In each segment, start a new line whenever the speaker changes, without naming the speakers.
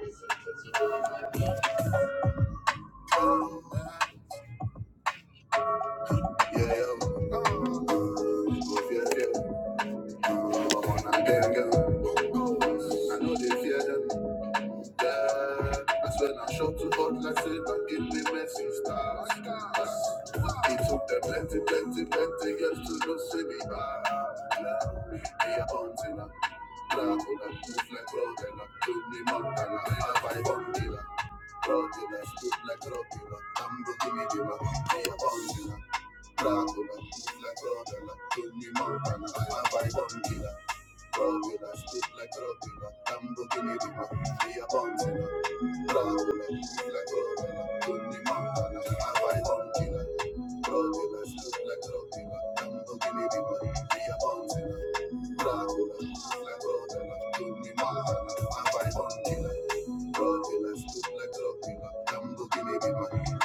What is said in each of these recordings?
Yeah, yeah. Fear, fear. But on a damn I know they fear them. Yeah, that's when I show too hot, like say, I give me messing stars. It took them plenty, plenty, plenty years to just see me back. Yeah, yeah, hunting up. Dracula, move like Rodella, do me Montana, I buy Bondilla. Rodella, stood like Rodella, I'm the gimme giver, yeah, Bondilla. Dracula, move like Rodella, do me Montana, I buy Bondilla. Roll with us, spit like Robina, Lamborghini Rima, we are bouncing up. Dracula, like Robina, Tony Montana, I fight on killer. Roll with us, like Robina, Lamborghini Rima, we are bouncing up. Dracula,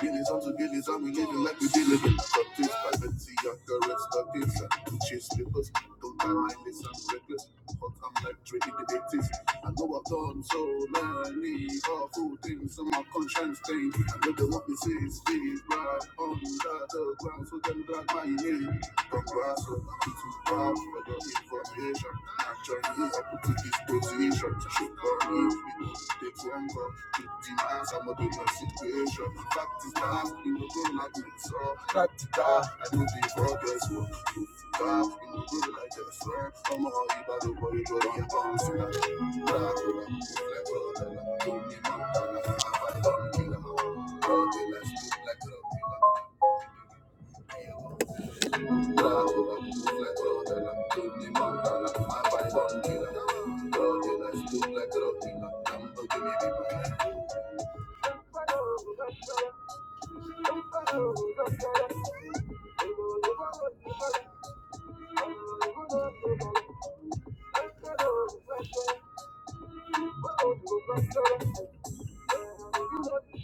Gillies onto gillies, and we living like we dealing in Got this privacy, and correct starvation. To chase papers, don't buy mindless and reckless. But I'm like trading the 80s. I know I've done so many awful things, and my conscience stained. I know they want me say it's big, right on the ground, so them drag my name. Dr. Hassel, it's too bad for your information. Actually, up to this I'm a situation. Fact no like oh. I do the progress, oh. no like oh. on, the body, go on, do the lies like a pillar. Thank you.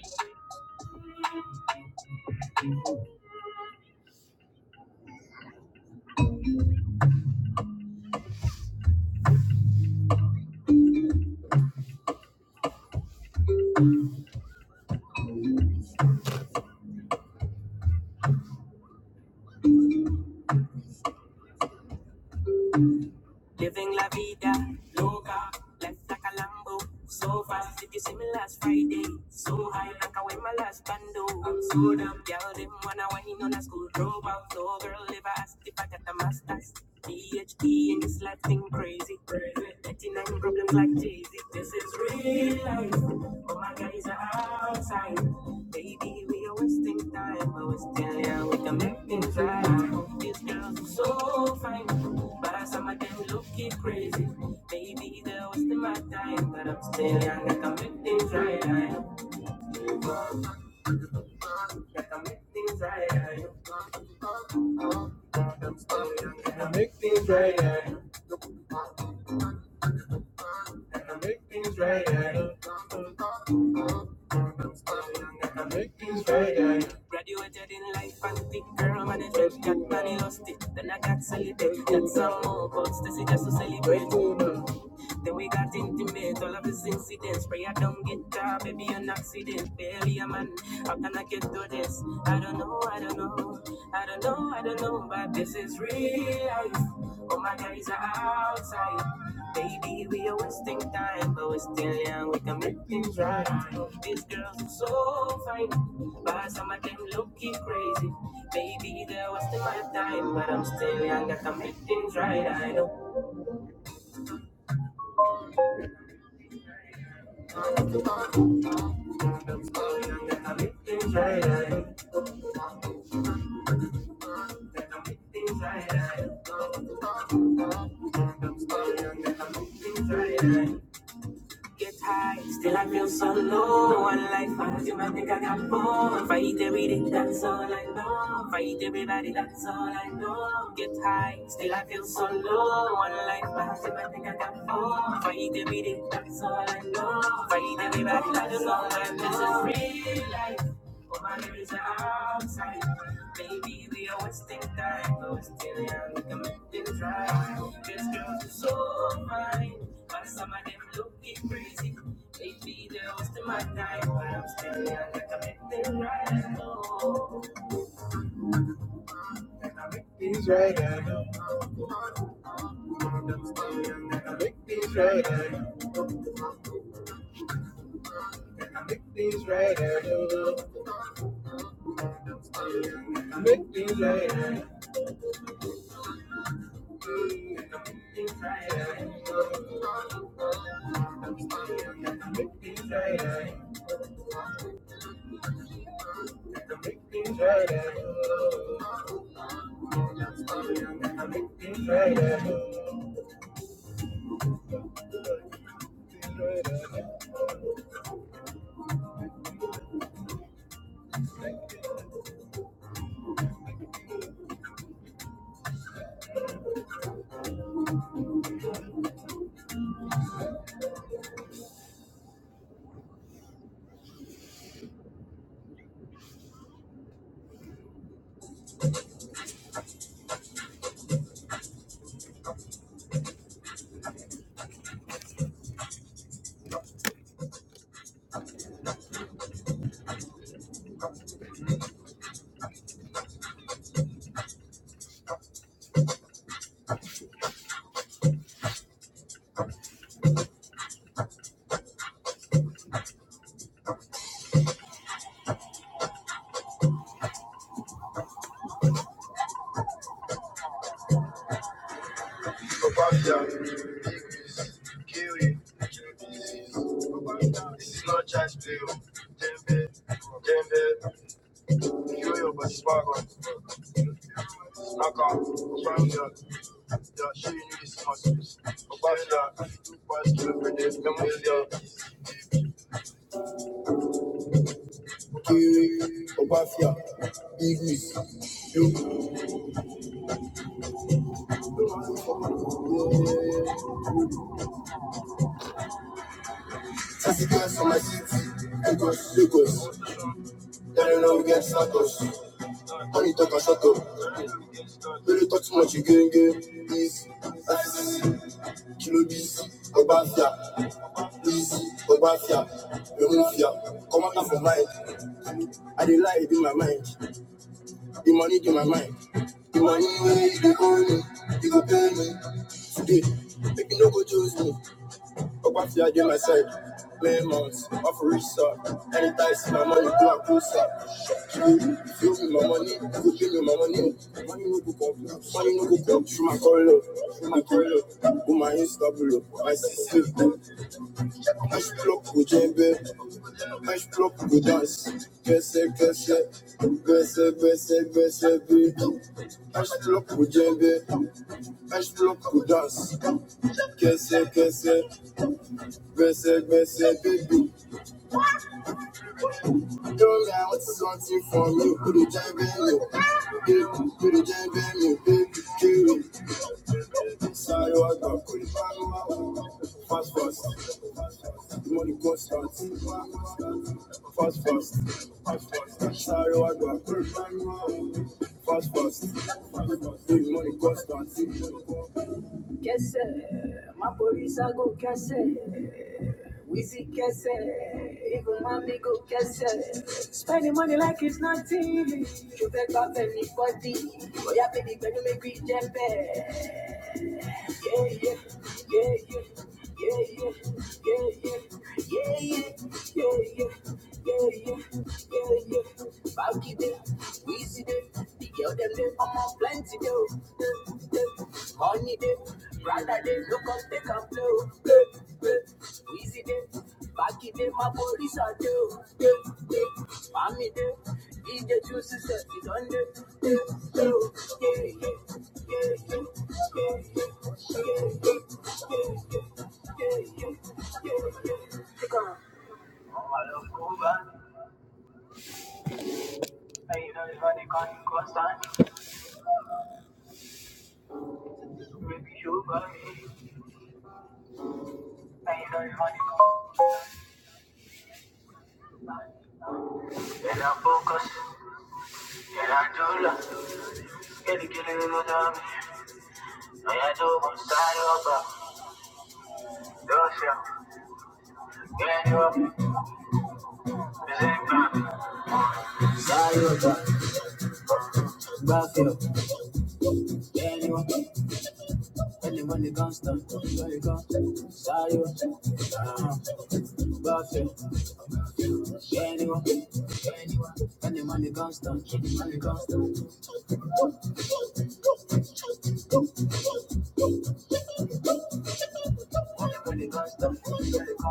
Living la vida loca, life like a Lambo. So fast, if you see me last Friday, so high, like I wear my last bando. I'm so damn girl, them wanna wine on a school dropout. So girl, if I asked if I got a master's, PhD in this life thing crazy. 39 problems like Jay Z. This is real life, but my guys are outside. Baby, we are wasting time, but we still yeah, we can make things right. These girls are so fine, but as some of them look crazy. Baby, they're wasting my time, but I'm still young. I can make things right. I can make things right. I can make things right. I can make things right. I can make things right. Graduated in life and big girl managed, got money lost it. Then I got celebrated, got some more goals. This is just to celebrate. Then we got intimate, all of this incidents. Pray I don't get tired, baby, an accident. Barely a man, how can I get through this? I don't know, I don't know, I don't know, I don't know, but this is real life. All my guys are outside. Baby, we are wasting time, but we're still young, we can make things right. These girls are so fine, but some of them looking crazy. Baby, they're wasting my time, but I'm still young, I can make things right. I know Hey, hey. Get high, still I feel so low on life. I do I think I got more. If I eat everything, that's all I know. If I eat everybody, that's all I know. Get high, still I feel so low on life. I do I think I got more. If I eat everything, that's all I know. If I eat everybody, that's all I know. This is real life. All my lyrics are outside. Baby, we are wasting time. But we're still young, we can make things right. This girl is so fine. But some of them looking crazy. Lately they are in my time, but I'm still young. I can make things right. I know. I can make things right. I know. I can make things right. I know. I can make things right. I know. I can make things right. I Things right, I know. I can make things right. I know. I can make things right. I know. I can make things right. I know. Obafia, Igwe, Tasikas from my city, Lagos, Lagos. Telling them we get circus. And he talk a shut up. Really talk too much again, again. Easy. Easy. Kilo busy. Obafia. Easy. Obafia. Remufia. Come out of my mind. I dey lie in my mind. The money in my mind. The money where you dey owe me. You go pay me. Today. Make you no go choose me. Ogbafi I get myself playing months, off a research. Anytime see my money, go and close up. You you give me my money, you go give me my money. Money no go come, money no go come through my corridor, through my corridor. through my Insta below, my sister. Ash block go jembe, ash block go dance. Bese bese, bese bese bese be. Ash block go jembe, ash block go dance. Kese kese. Blessed, blessed baby. Don't know what's something for me. Put it jam in you. baby. Put it jam in you, baby. Kill it. Sorry, I got put it back on my Fast, fast. Money constant. Fast, fast. Fast, fast. Sorry, I got put it back on my Fast, fast. Big money constant. kese mapolisa go kese Wheezy kese even mommy go kese spending money like it's nothing you beg back anybody oya baby gbẹdu make we jẹpẹ yeah, yeah, yeah, yeah, yeah, yeah, yeah, yeah, yeah, yeah, yeah, yeah, yeah, yeah, yeah, yeah. Bouty day, Weezy day, the girl them day, I'm on plenty day, oh, day, day. Money day, brother day, look up, take and play, oh, day, day. Weezy day, Baki day, my police are day, oh, day, day. Mommy day, DJ Juicy said, it's on. Oh, I love Cuba. I know it's funny, constant. And I focus, and I do love. Get it, get it, you know what And I do one side over. do you? Get you Is it bad? Side over. Back up. Get you up. Tell him when the gun's done. Where you go? Side over. Uh-huh. Buffy, anyone, anyone, any money constant, money constant, money constant,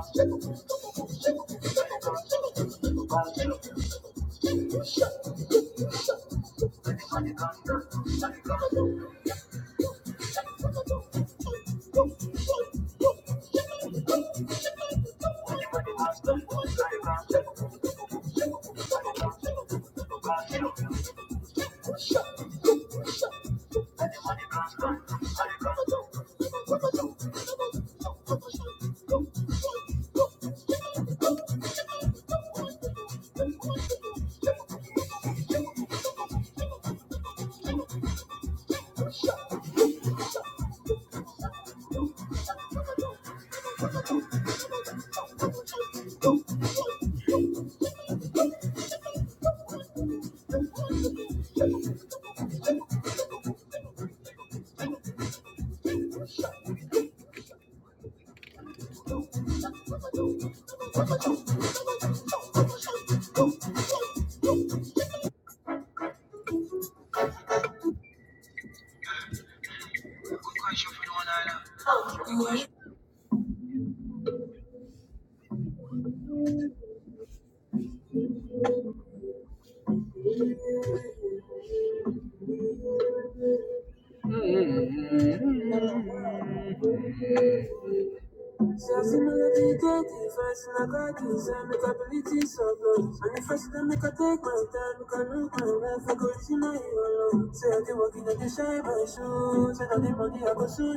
Oh, you're the kind of man that makes me reach high. Oh, you're the kind of man that makes me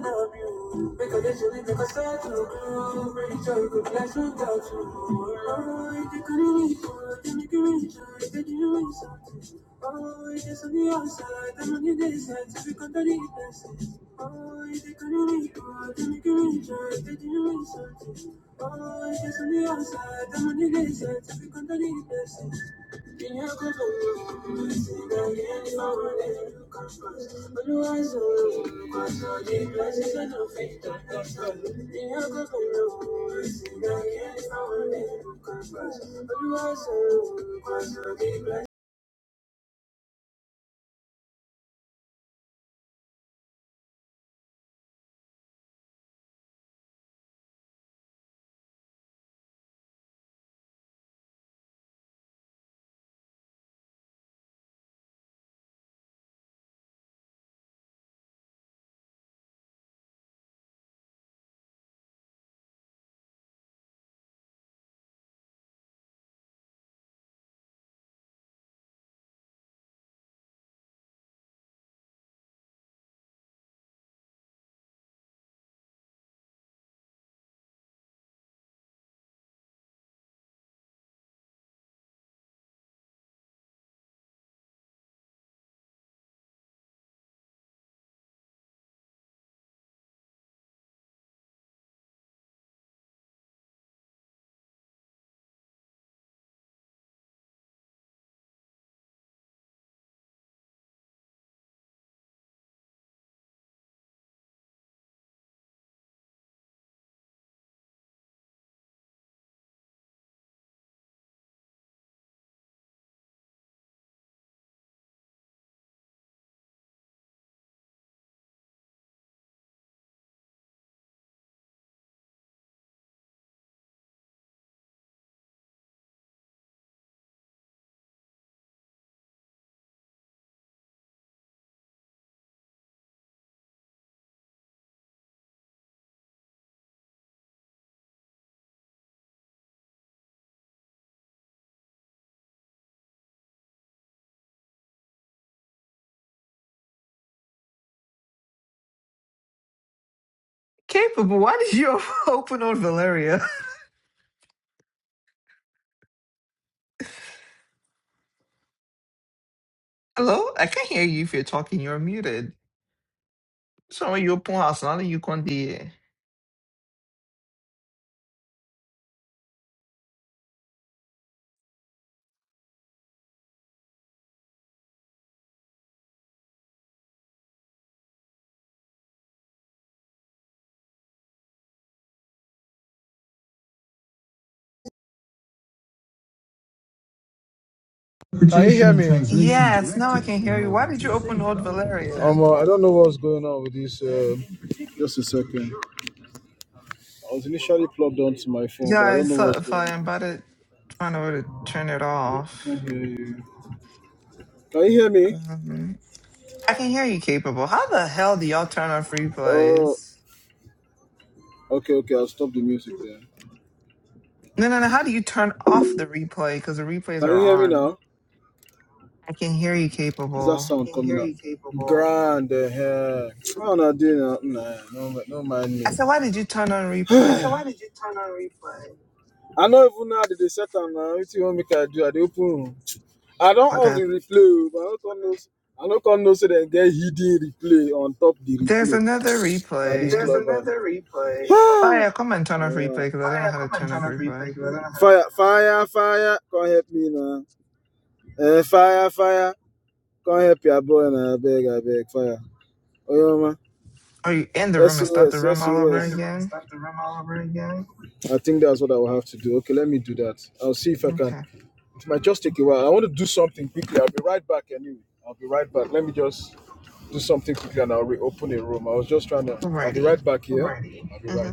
reach high. Oh, you're the kind of man that makes me reach high. Oh, you're the kind of man that makes me reach high. Can you hear
Capable, why did you open on Valeria? Hello? I can't hear you if you're talking. You're muted. Sorry, you open house, now you can't hear.
me? translation
Yes, now I can
directive in
hear you.
order
Why did
to
you open old
safeguard Um,
Valeria?
uh, I don't know what's going on with this. Uh, just a second. I was initially plugged onto my phone,
Yeah,
but I
I
don't know
saw
what's
if
going
I
on.
invited trying to try to turn it
I can't
off.
hear you. Can you hear me?
Um, I can hear you, Capable. How the hell do y'all turn off
Oh.
replays?
Okay, okay, I'll stop the music there.
No, no, no. How do you turn off the replay? Because the replays
Can
are
you hear me
on.
now?
I can hear you,
Is that
Capable.
sound Can coming hear you capable. out? Grand eh, eh. How na dey now? Nah, no, ma- no mind
I
me.
said, why did you turn on replay?
So why did you turn on replay? I know even now that they set am now. What you want me to do? I dey open room. I don't
Or
off the
that
replay, oh, but I don't come know. s- I don't come know so they get hidden replay on top the
There's
replay.
another
Now this
replay.
There's club on. another
Oh yeah,
replay.
come and turn off
Oh,
replay because I don't know
Fire,
how to
come and
turn off
turn off replay
replay.
because I don't know fire, fire, fire! Come help me now. Eh, fire, fire! Come help your boy now. I beg, I beg, fire. Oyoma,
Oh, you end the room and start
SOS,
the room all over
SOS.
again?
I think that's what I will have to do. Okay, let me do that. I'll see if I can.
Okay.
It might just take a while. I want to do something quickly. I'll be right back anyway. I'll be right back.
Alrighty. Mm-hmm.